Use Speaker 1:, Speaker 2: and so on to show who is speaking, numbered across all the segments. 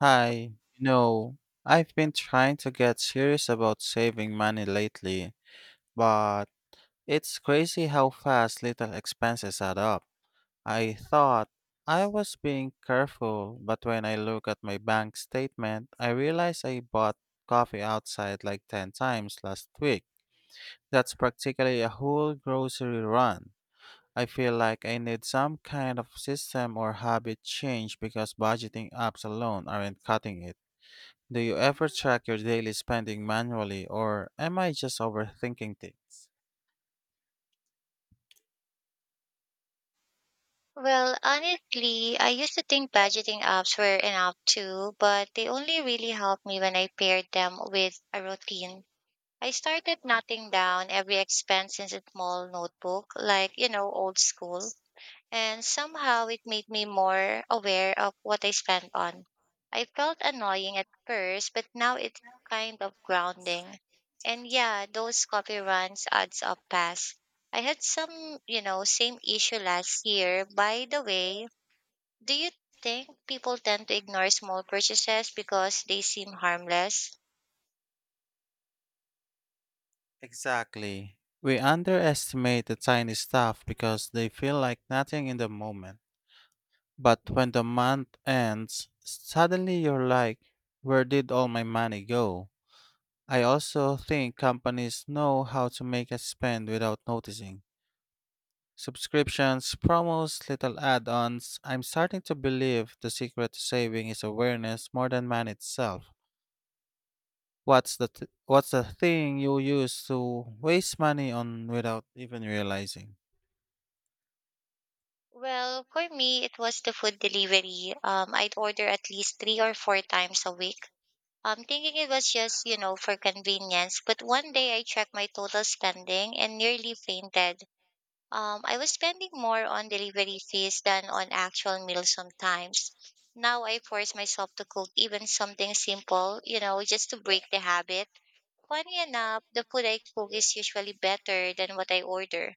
Speaker 1: Hi, you know, I've been trying to get serious about saving money lately, but it's crazy how fast little expenses add up. I thought I was being careful, but when I look at my bank statement, I realize I bought coffee outside like 10 times last week. That's practically a whole grocery run. I feel like I need some kind of system or habit change because budgeting apps alone aren't cutting it. Do you ever track your daily spending manually, or am I just overthinking things?
Speaker 2: Well, honestly, I used to think budgeting apps were enough too, but they only really helped me when I paired them with a routine. I started noting down every expense in a small notebook, like, old school, and somehow it made me more aware of what I spent on. I felt annoying at first, but now it's kind of grounding. And yeah, those coffee runs adds up fast. I had some, same issue last year. By the way, do you think people tend to ignore small purchases because they seem harmless?
Speaker 1: Exactly. We underestimate the tiny stuff because they feel like nothing in the moment. But when the month ends, suddenly you're like, where did all my money go? I also think companies know how to make us spend without noticing. Subscriptions, promos, little add ons. I'm starting to believe the secret to saving is awareness more than money itself. What's the thing you used to waste money on without even realizing?
Speaker 2: Well, for me, it was the food delivery. I'd order at least three or four times a week. I'm thinking it was just, for convenience, but one day I checked my total spending and nearly fainted. I was spending more on delivery fees than on actual meals sometimes. Now I force myself to cook even something simple, just to break the habit. Funny enough, the food I cook is usually better than what I order.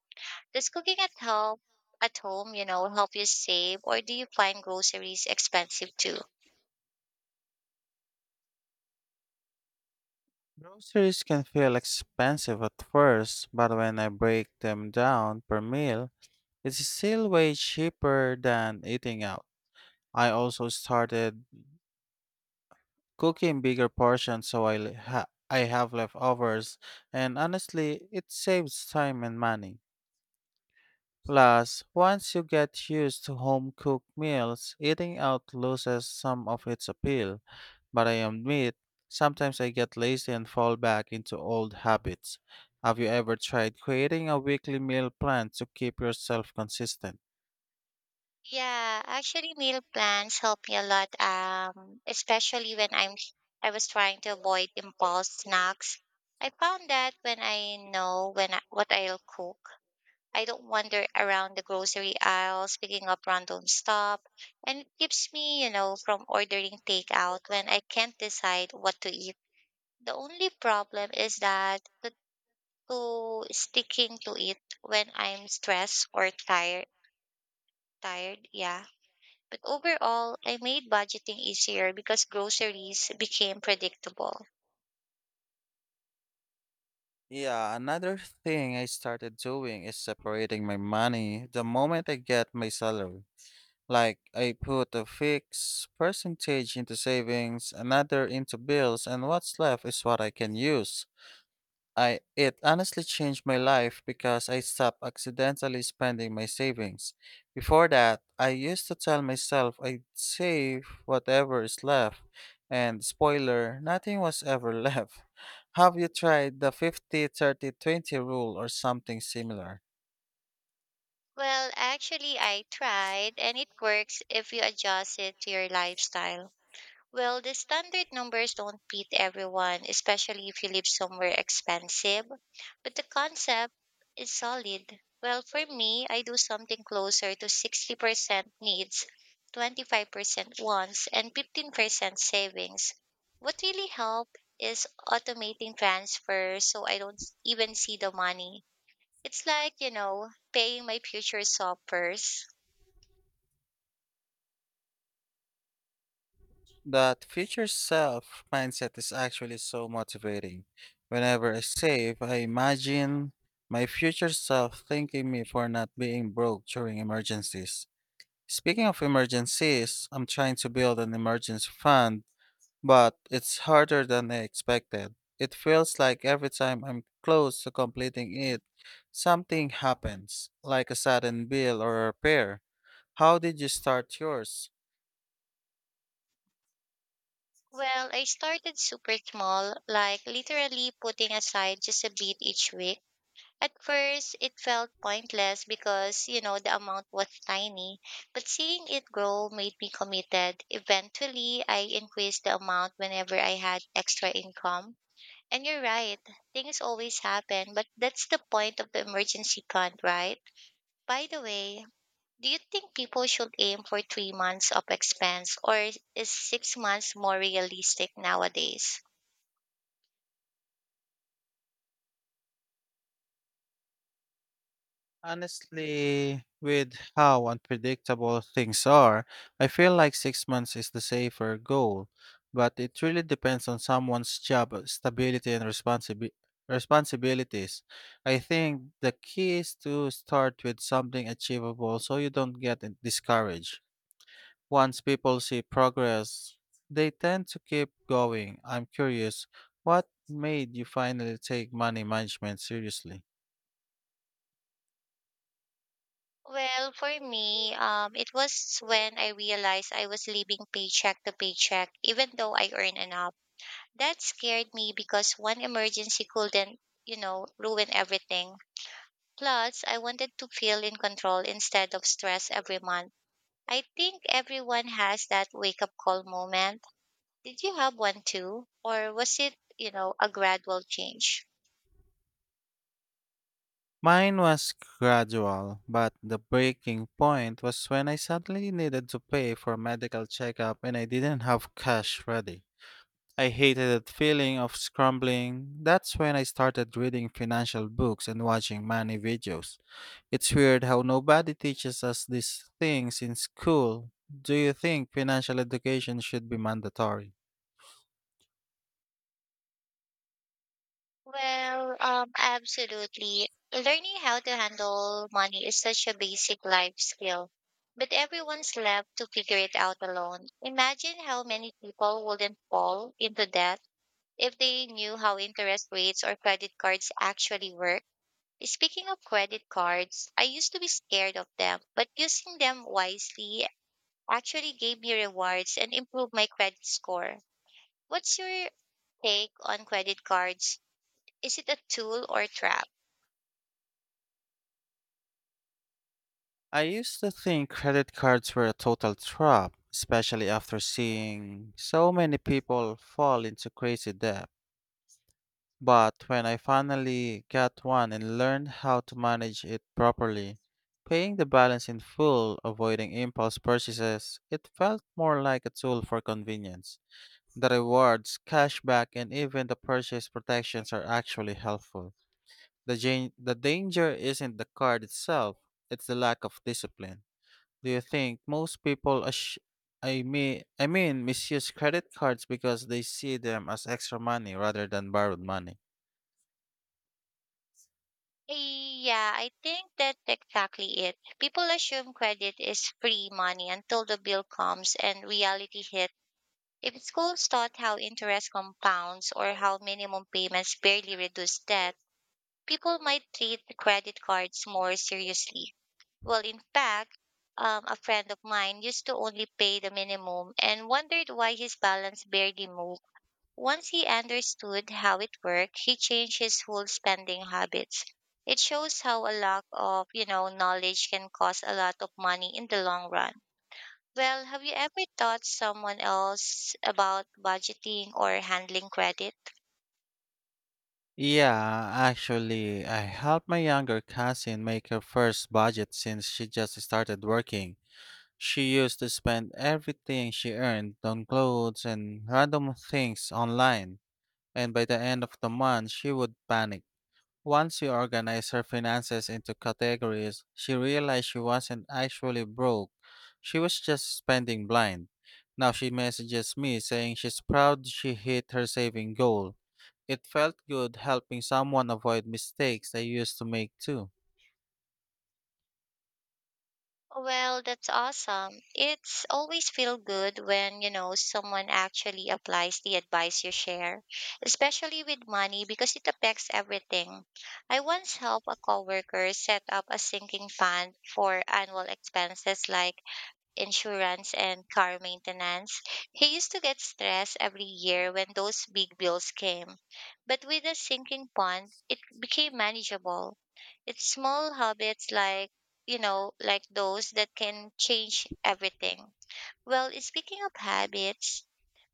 Speaker 2: Does cooking at home, help you save, or do you find groceries expensive too?
Speaker 1: Groceries can feel expensive at first, but when I break them down per meal, it's still way cheaper than eating out. I also started cooking bigger portions so I have leftovers, and honestly, it saves time and money. Plus, once you get used to home cooked meals, eating out loses some of its appeal. But I admit, sometimes I get lazy and fall back into old habits. Have you ever tried creating a weekly meal plan to keep yourself consistent?
Speaker 2: Yeah, actually meal plans help me a lot, especially when I was trying to avoid impulse snacks. I found that when I know what I'll cook, I don't wander around the grocery aisles picking up random stuff, and it keeps me, from ordering takeout when I can't decide what to eat. The only problem is that to sticking to it when I'm stressed or tired. Yeah, but overall, I made budgeting easier because groceries became predictable.
Speaker 1: Yeah, another thing I started doing is separating my money the moment I get my salary. Like, I put a fixed percentage into savings, another into bills, and what's left is what I can use. I it honestly changed my life because I stopped accidentally spending my savings. Before that, I used to tell myself I'd save whatever is left, and spoiler, nothing was ever left. Have you tried the 50-30-20 rule or something similar?
Speaker 2: Well, actually, I tried, and it works if you adjust it to your lifestyle. Well, the standard numbers don't fit everyone, especially if you live somewhere expensive, but the concept is solid. Well, for me, I do something closer to 60% needs, 25% wants, and 15% savings. What really helps is automating transfers so I don't even see the money. It's like, paying my future self first.
Speaker 1: That future self mindset is actually so motivating. Whenever I save, I imagine my future self thanking me for not being broke during emergencies. Speaking of emergencies, I'm trying to build an emergency fund, but it's harder than I expected. It feels like every time I'm close to completing it, something happens, like a sudden bill or a repair. How did you start yours?
Speaker 2: Well, I started super small, like literally putting aside just a bit each week. At first, it felt pointless because, the amount was tiny, but seeing it grow made me committed. Eventually, I increased the amount whenever I had extra income. And you're right, things always happen, but that's the point of the emergency fund, right? By the way, do you think people should aim for 3 months of expense or is 6 months more realistic nowadays?
Speaker 1: Honestly, with how unpredictable things are, I feel like 6 months is the safer goal, but it really depends on someone's job stability and responsibilities. I think the key is to start with something achievable so you don't discouraged. Once people see progress, they tend to keep going. I'm curious, what made you finally take money management seriously?
Speaker 2: Well, for me, it was when I realized I was living paycheck to paycheck, even though I earn enough. That scared me because one emergency couldn't, ruin everything. Plus, I wanted to feel in control instead of stress every month. I think everyone has that wake up call moment. Did you have one too, or was it, a gradual change?
Speaker 1: Mine was gradual, but the breaking point was when I suddenly needed to pay for a medical checkup and I didn't have cash ready. I hated that feeling of scrambling. That's when I started reading financial books and watching money videos. It's weird how nobody teaches us these things in school. Do you think financial education should be mandatory?
Speaker 2: Well, absolutely. Learning how to handle money is such a basic life skill, but everyone's left to figure it out alone. Imagine how many people wouldn't fall into debt if they knew how interest rates or credit cards actually work. Speaking of credit cards, I used to be scared of them, but using them wisely actually gave me rewards and improved my credit score. What's your take on credit cards? Is it a tool or a trap?
Speaker 1: I used to think credit cards were a total trap, especially after seeing so many people fall into crazy debt. But when I finally got one and learned how to manage it properly, paying the balance in full, avoiding impulse purchases, it felt more like a tool for convenience. The rewards, cashback, and even the purchase protections are actually helpful. The danger isn't the card itself, it's the lack of discipline. Do you think most people I mean misuse credit cards because they see them as extra money rather than borrowed money?
Speaker 2: Yeah, I think that's exactly it. People assume credit is free money until the bill comes and reality hits. If schools taught how interest compounds or how minimum payments barely reduce debt, people might treat credit cards more seriously. Well, in fact, a friend of mine used to only pay the minimum and wondered why his balance barely moved. Once he understood how it worked, he changed his whole spending habits. It shows how a lack of, knowledge can cost a lot of money in the long run. Well, have you ever taught someone else about budgeting or handling credit?
Speaker 1: Yeah, actually, I helped my younger cousin make her first budget since she just started working. She used to spend everything she earned on clothes and random things online, and by the end of the month, she would panic. Once she organized her finances into categories, she realized she wasn't actually broke. She was just spending blind. Now she messages me saying she's proud she hit her saving goal. It felt good helping someone avoid mistakes I used to make too.
Speaker 2: Well, that's awesome. It's always feel good when, someone actually applies the advice you share, especially with money because it affects everything. I once helped a coworker set up a sinking fund for annual expenses like insurance and car maintenance. He used to get stressed every year when those big bills came. But with a sinking fund, it became manageable. It's small habits like those that can change everything. Well, speaking of habits,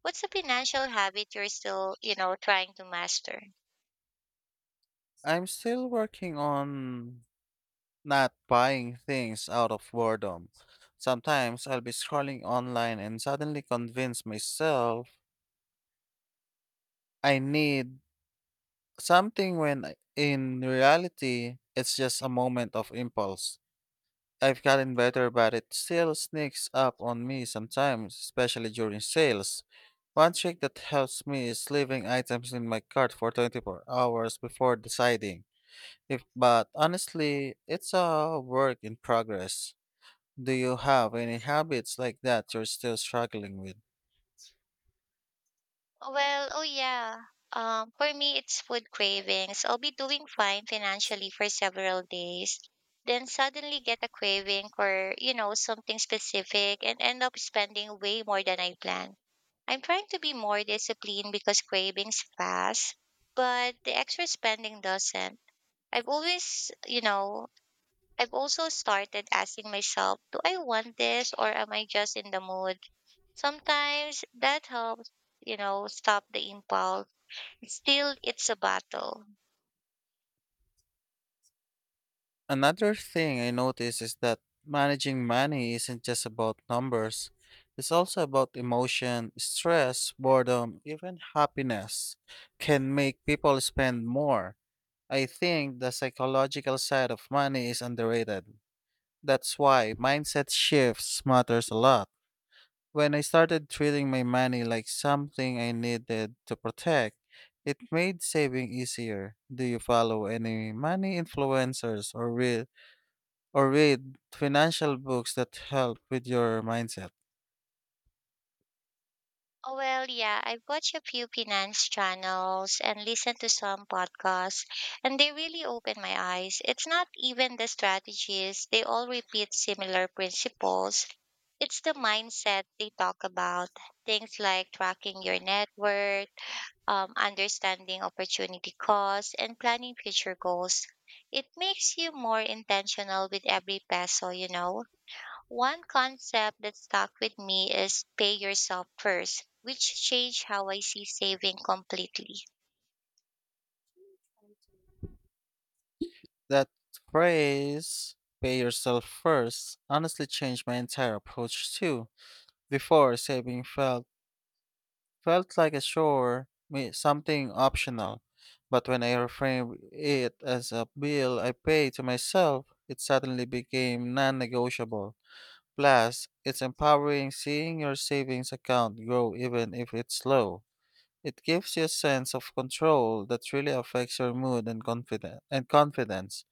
Speaker 2: what's a financial habit you're still, trying to master?
Speaker 1: I'm still working on not buying things out of boredom. Sometimes I'll be scrolling online and suddenly convince myself I need something in reality, it's just a moment of impulse. I've gotten better, but it still sneaks up on me sometimes, especially during sales. One trick that helps me is leaving items in my cart for 24 hours before deciding. If, but honestly, it's a work in progress. Do you have any habits like that you're still struggling with?
Speaker 2: Well, oh yeah. For me, it's food cravings. I'll be doing fine financially for several days, then suddenly get a craving for, something specific and end up spending way more than I planned. I'm trying to be more disciplined because cravings pass, but the extra spending doesn't. I've always, you know, I've also started asking myself, do I want this or am I just in the mood? Sometimes that helps, stop the impulse. Still, it's a battle.
Speaker 1: Another thing I notice is that managing money isn't just about numbers. It's also about emotion, stress, boredom, even happiness can make people spend more. I think the psychological side of money is underrated. That's why mindset shifts matters a lot. When I started treating my money like something I needed to protect, it made saving easier. Do you follow any money influencers or read financial books that help with your mindset?
Speaker 2: Oh, well, yeah, I watch a few finance channels and listen to some podcasts, and they really open my eyes. It's not even the strategies, they all repeat similar principles. It's the mindset they talk about, things like tracking your net worth, understanding opportunity costs, and planning future goals. It makes you more intentional with every peso. One concept that stuck with me is pay yourself first, which changed how I see saving completely.
Speaker 1: That phrase, pay yourself first, honestly changed my entire approach too. Before, saving felt like a chore, something optional. But when I reframed it as a bill I pay to myself, it suddenly became non negotiable. Plus, it's empowering seeing your savings account grow even if it's slow. It gives you a sense of control that really affects your mood and confidence.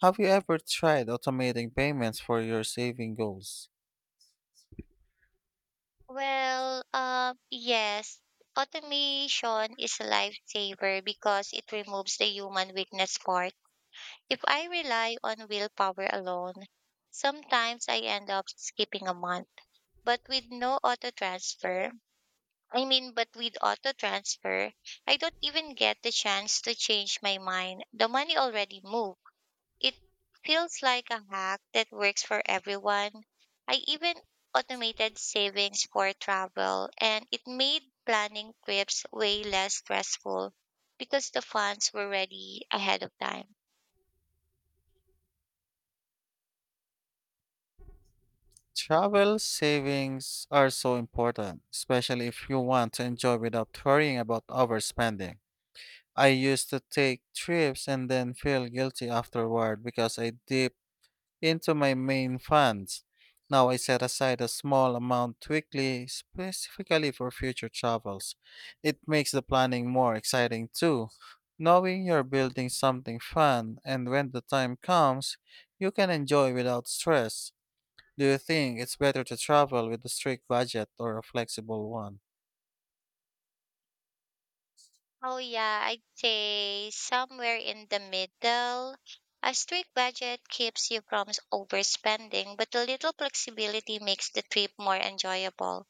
Speaker 1: Have you ever tried automating payments for your saving goals?
Speaker 2: Well, yes, automation is a lifesaver because it removes the human weakness part. If I rely on willpower alone, sometimes I end up skipping a month. But with no auto transfer, but with auto transfer, I don't even get the chance to change my mind. The money already moved. It feels like a hack that works for everyone. I even automated savings for travel, and it made planning trips way less stressful because the funds were ready ahead of time.
Speaker 1: Travel savings are so important, especially if you want to enjoy without worrying about overspending. I used to take trips and then feel guilty afterward because I did into my main funds. Now I set aside a small amount weekly specifically for future travels. It makes the planning more exciting too. Knowing you're building something fun and when the time comes, you can enjoy without stress. Do you think it's better to travel with a strict budget or a flexible one?
Speaker 2: Oh, yeah, I'd say somewhere in the middle. A strict budget keeps you from overspending, but a little flexibility makes the trip more enjoyable.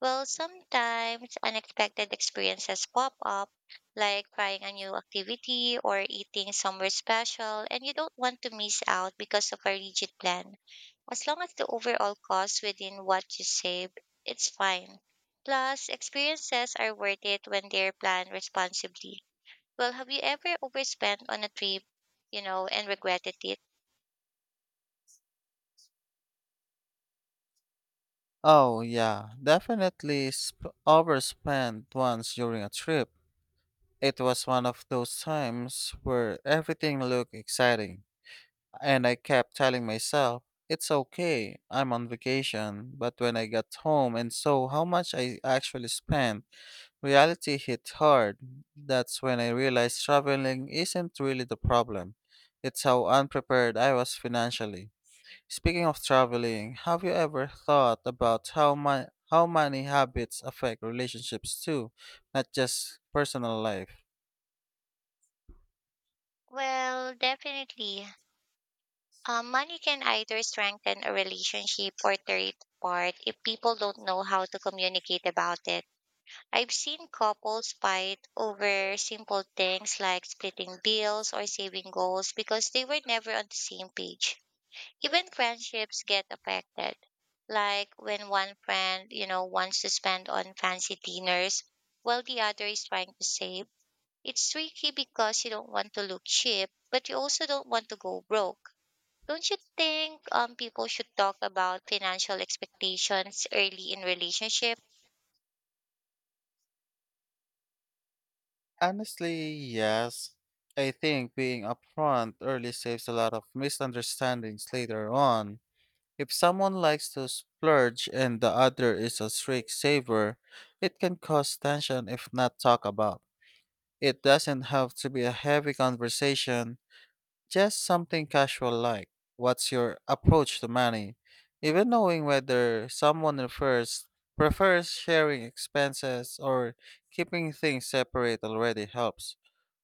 Speaker 2: Well, sometimes unexpected experiences pop up, like trying a new activity or eating somewhere special, and you don't want to miss out because of a rigid plan. As long as the overall cost within what you save, it's fine. Plus, experiences are worth it when they're planned responsibly. Well, have you ever overspent on a trip, and regretted it?
Speaker 1: Oh, yeah, overspent once during a trip. It was one of those times where everything looked exciting, and I kept telling myself, it's okay, I'm on vacation. But when I got home and saw how much I actually spent, reality hit hard. That's when I realized traveling isn't really the problem. It's how unprepared I was financially. Speaking of traveling, have you ever thought about how money habits affect relationships too, not just personal life?
Speaker 2: Well, definitely. Money can either strengthen a relationship or tear it apart if people don't know how to communicate about it. I've seen couples fight over simple things like splitting bills or saving goals because they were never on the same page. Even friendships get affected. Like when one friend, wants to spend on fancy dinners while the other is trying to save. It's tricky because you don't want to look cheap, but you also don't want to go broke. Don't you think, people should talk about financial expectations early in relationship?
Speaker 1: Honestly, yes. I think being upfront early saves a lot of misunderstandings later on. If someone likes to splurge and the other is a strict saver, it can cause tension if not talked about. It doesn't have to be a heavy conversation, just something casual like, what's your approach to money? Even knowing whether prefers sharing expenses or keeping things separate already helps.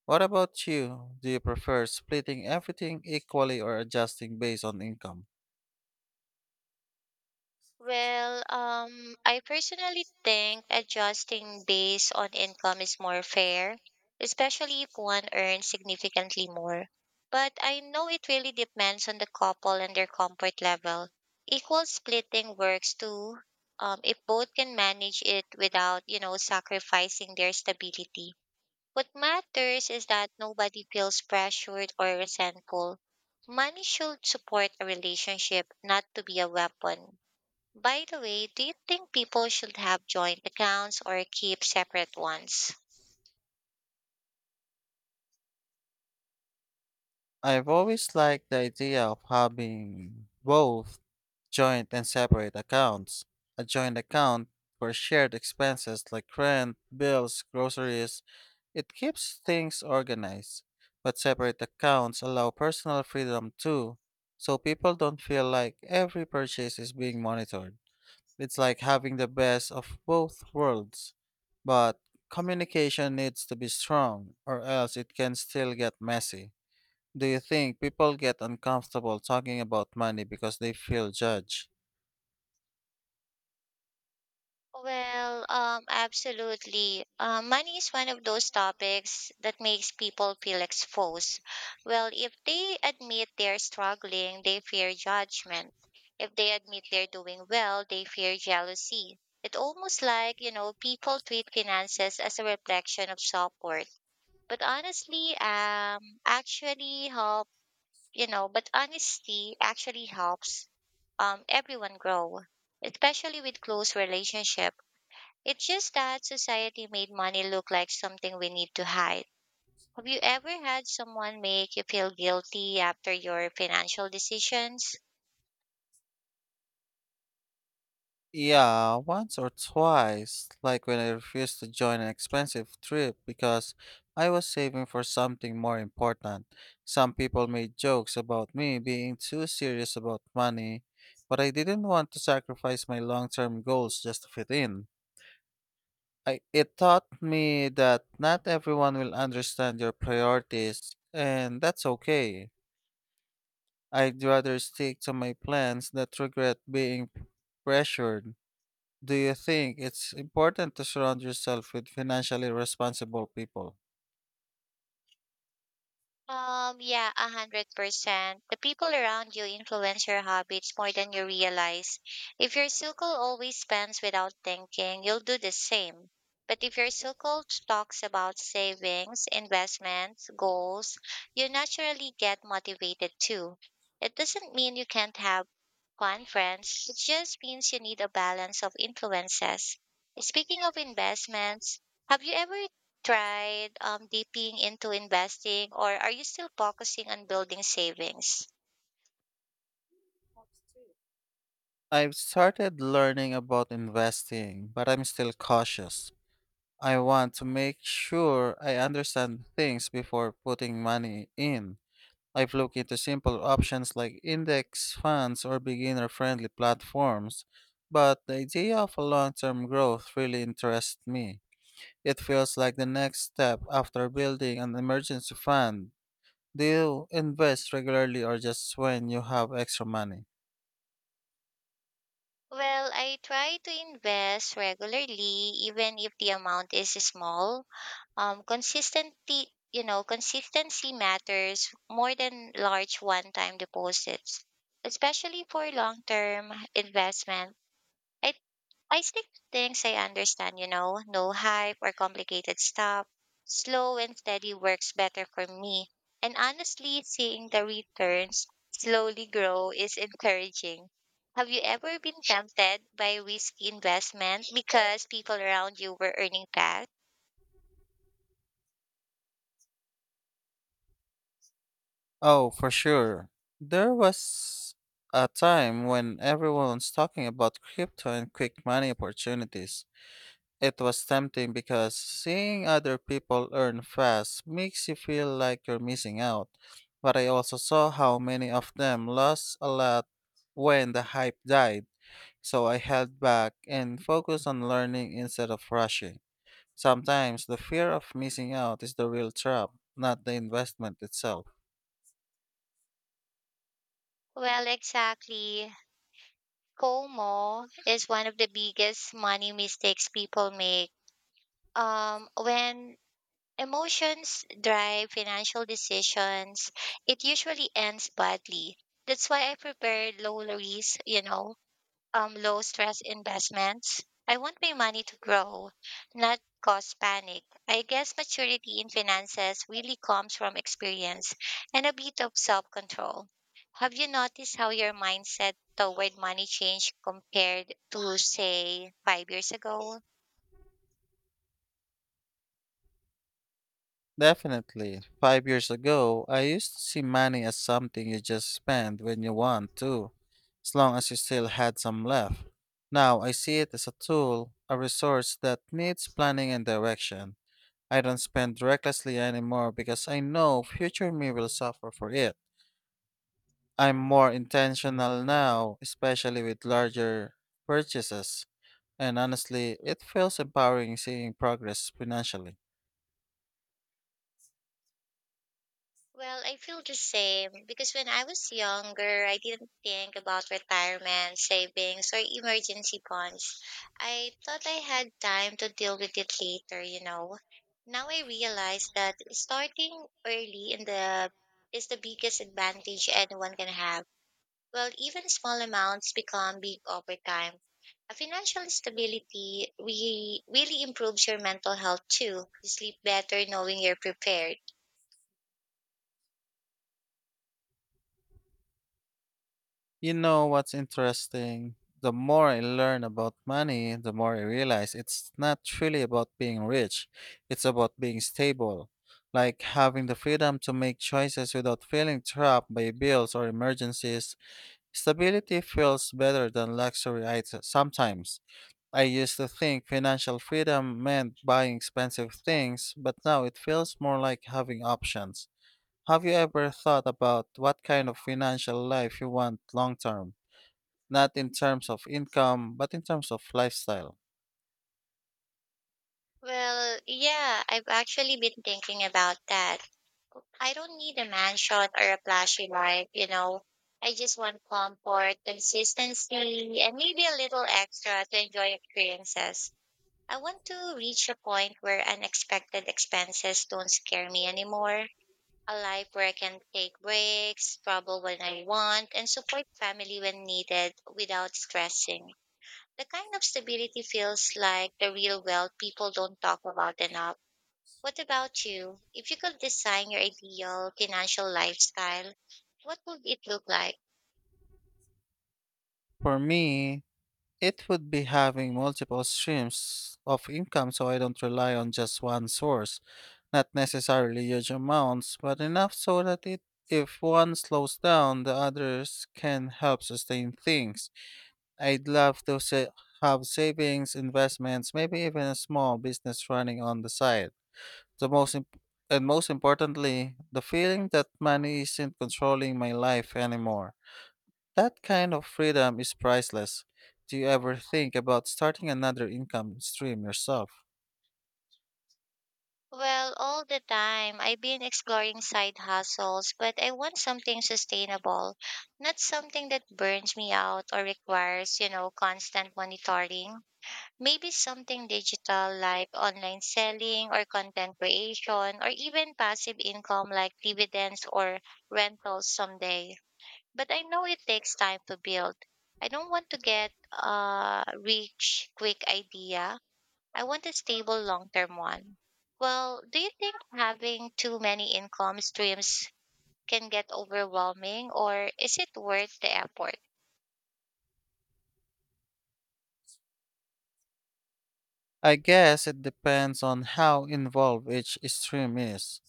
Speaker 1: What about you? Do you prefer splitting everything equally or adjusting based on income?
Speaker 2: Well, I personally think adjusting based on income is more fair, especially if one earns significantly more. But I know it really depends on the couple and their comfort level. Equal splitting works too, if both can manage it without, sacrificing their stability. What matters is that nobody feels pressured or resentful. Money should support a relationship, not to be a weapon. By the way, do you think people should have joint accounts or keep separate ones?
Speaker 1: I've always liked the idea of having both joint and separate accounts. A joint account for shared expenses like rent, bills, groceries, it keeps things organized. But separate accounts allow personal freedom too, so people don't feel like every purchase is being monitored. It's like having the best of both worlds. But communication needs to be strong, or else it can still get messy. Do you think people get uncomfortable talking about money because they feel judged?
Speaker 2: Well, absolutely. Money is one of those topics that makes people feel exposed. Well, if they admit they're struggling, they fear judgment. If they admit they're doing well, they fear jealousy. It's almost like, people treat finances as a reflection of self-worth. But honestly, um, actually help, but honesty actually helps everyone grow, especially with close relationships. It's just that society made money look like something we need to hide. Have you ever had someone make you feel guilty after your financial decisions?
Speaker 1: Yeah, once or twice, like when I refused to join an expensive trip because I was saving for something more important. Some people made jokes about me being too serious about money, but I didn't want to sacrifice my long term goals just to fit in. It taught me that not everyone will understand your priorities, and that's okay. I'd rather stick to my plans than regret being pressured. Do you think it's important to surround yourself with financially responsible people?
Speaker 2: Yeah, 100%. The people around you influence your habits more than you realize. If your circle always spends without thinking, you'll do the same. But if your circle talks about savings, investments, goals, you naturally get motivated too. It doesn't mean you can't have fun friends. It just means you need a balance of influences. Speaking of investments, have you ever tried dipping into investing or are you still focusing on building savings?
Speaker 1: I've started learning about investing, but I'm still cautious. I want to make sure I understand things before putting money in. I've looked into simple options like index funds or beginner friendly platforms, but the idea of a long term growth really interests me. It feels like the next step after building an emergency fund. Do you invest regularly or just when you have extra money?
Speaker 2: Well, I try to invest regularly, even if the amount is small. Consistency matters more than large one time deposits, especially for long term investment. I I stick to things I understand, no hype or complicated stuff. Slow and steady works better for me. And honestly, seeing the returns slowly grow is encouraging. Have you ever been tempted by risky investment because people around you were earning fast?
Speaker 1: Oh, for sure. There was a time when everyone was talking about crypto and quick money opportunities. It was tempting because seeing other people earn fast makes you feel like you're missing out, but I also saw how many of them lost a lot when the hype died, so I held back and focused on learning instead of rushing. Sometimes the fear of missing out is the real trap, not the investment itself.
Speaker 2: Well, exactly. FOMO is one of the biggest money mistakes people make. When emotions drive financial decisions, it usually ends badly. That's why I prepare low risk, low stress investments. I want my money to grow, not cause panic. I guess maturity in finances really comes from experience and a bit of self control. Have you noticed how your mindset toward money changed compared to, say, 5 years ago?
Speaker 1: Definitely. 5 years ago, I used to see money as something you just spend when you want to, as long as you still had some left. Now I see it as a tool, a resource that needs planning and direction. I don't spend recklessly anymore because I know future me will suffer for it. I'm more intentional now, especially with larger purchases. And honestly, it feels empowering seeing progress financially.
Speaker 2: Well, I feel the same because when I was younger, I didn't think about retirement, savings, or emergency funds. I thought I had time to deal with it later. Now I realize that starting early in the is the biggest advantage anyone can have. Well, even small amounts become big over time. A financial stability really improves your mental health too. You sleep better knowing you're prepared.
Speaker 1: You know what's interesting? The more I learn about money, the more I realize it's not really about being rich. It's about being stable, like having the freedom to make choices without feeling trapped by bills or emergencies. Stability feels better than luxury items sometimes. I used to think financial freedom meant buying expensive things, but now it feels more like having options. Have you ever thought about what kind of financial life you want long term? Not in terms of income, but in terms of lifestyle.
Speaker 2: Well, yeah, I've actually been thinking about that. I don't need a mansion or a flashy life. I just want comfort, consistency, and maybe a little extra to enjoy experiences. I want to reach a point where unexpected expenses don't scare me anymore. A life where I can take breaks, travel when I want, and support family when needed without stressing. The kind of stability feels like the real wealth people don't talk about enough. What about you? If you could design your ideal financial lifestyle, what would it look like?
Speaker 1: For me, it would be having multiple streams of income so I don't rely on just one source, not necessarily huge amounts, but enough so that it if one slows down, the others can help sustain things. I'd love to sa- have savings, investments, maybe even a small business running on the side. The most imp- and most importantly, the feeling that money isn't controlling my life anymore. That kind of freedom is priceless. Do you ever think about starting another income stream yourself?
Speaker 2: Well, all the time, I've been exploring side hustles, but I want something sustainable, not something that burns me out or requires, constant monitoring. Maybe something digital like online selling or content creation or even passive income like dividends or rentals someday, but I know it takes time to build. I don't want to get a rich, quick idea. I want a stable, long term one. Well, do you think having too many income streams can get overwhelming or is it worth the effort?
Speaker 1: I guess it depends on how involved each stream is.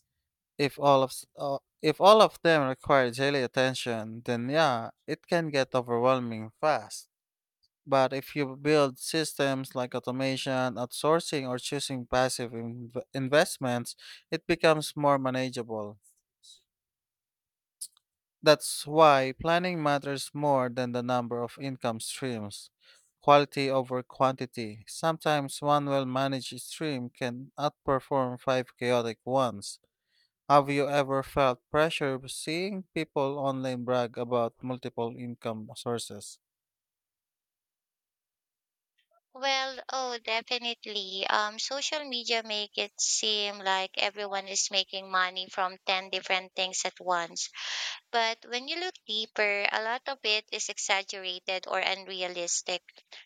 Speaker 1: If all of them require daily attention, then yeah, it can get overwhelming fast. But if you build systems like automation, outsourcing, or choosing passive investments, it becomes more manageable. That's why planning matters more than the number of income streams. Quality over quantity. Sometimes one well managed stream can outperform five chaotic ones. Have you ever felt pressure seeing people online brag about multiple income sources?
Speaker 2: Well, oh, definitely. Social media make it seem like everyone is making money from 10 different things at once. But when you look deeper, a lot of it is exaggerated or unrealistic.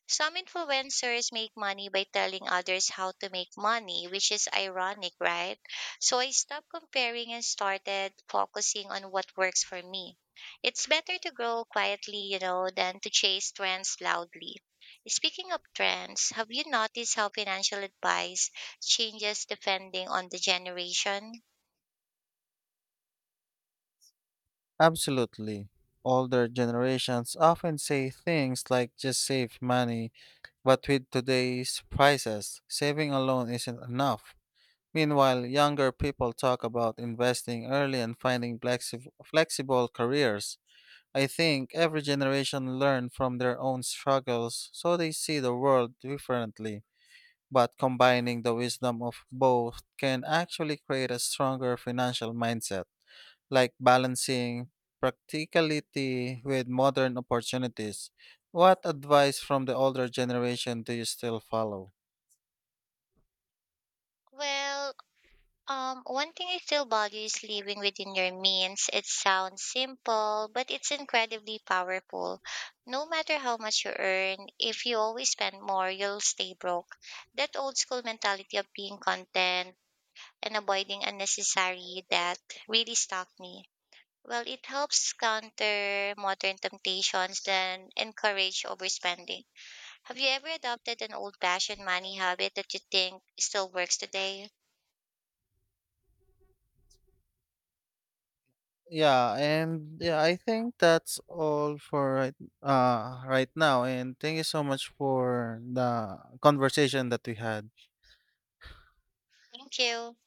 Speaker 2: Some influencers make money by telling others how to make money, which is ironic, right? So I stopped comparing and started focusing on what works for me. It's better to grow quietly, than to chase trends loudly. Speaking of trends, have you noticed how financial advice changes depending on the generation?
Speaker 1: Absolutely. Older generations often say things like just save money, but with today's prices, saving alone isn't enough. Meanwhile, younger people talk about investing early and finding flexible careers. I think every generation learned from their own struggles, so they see the world differently. But combining the wisdom of both can actually create a stronger financial mindset, like balancing practicality with modern opportunities. What advice from the older generation do you still follow?
Speaker 2: Well, one thing I still value is living within your means. It sounds simple, but it's incredibly powerful. No matter how much you earn, if you always spend more, you'll stay broke. That old school mentality of being content and avoiding unnecessary debt really stuck me. Well, it helps counter modern temptations and encourage overspending. Have you ever adopted an old fashioned money habit that you think still works today?
Speaker 1: Yeah, I think that's all for right now. And thank you so much for the conversation that we had.
Speaker 2: Thank you.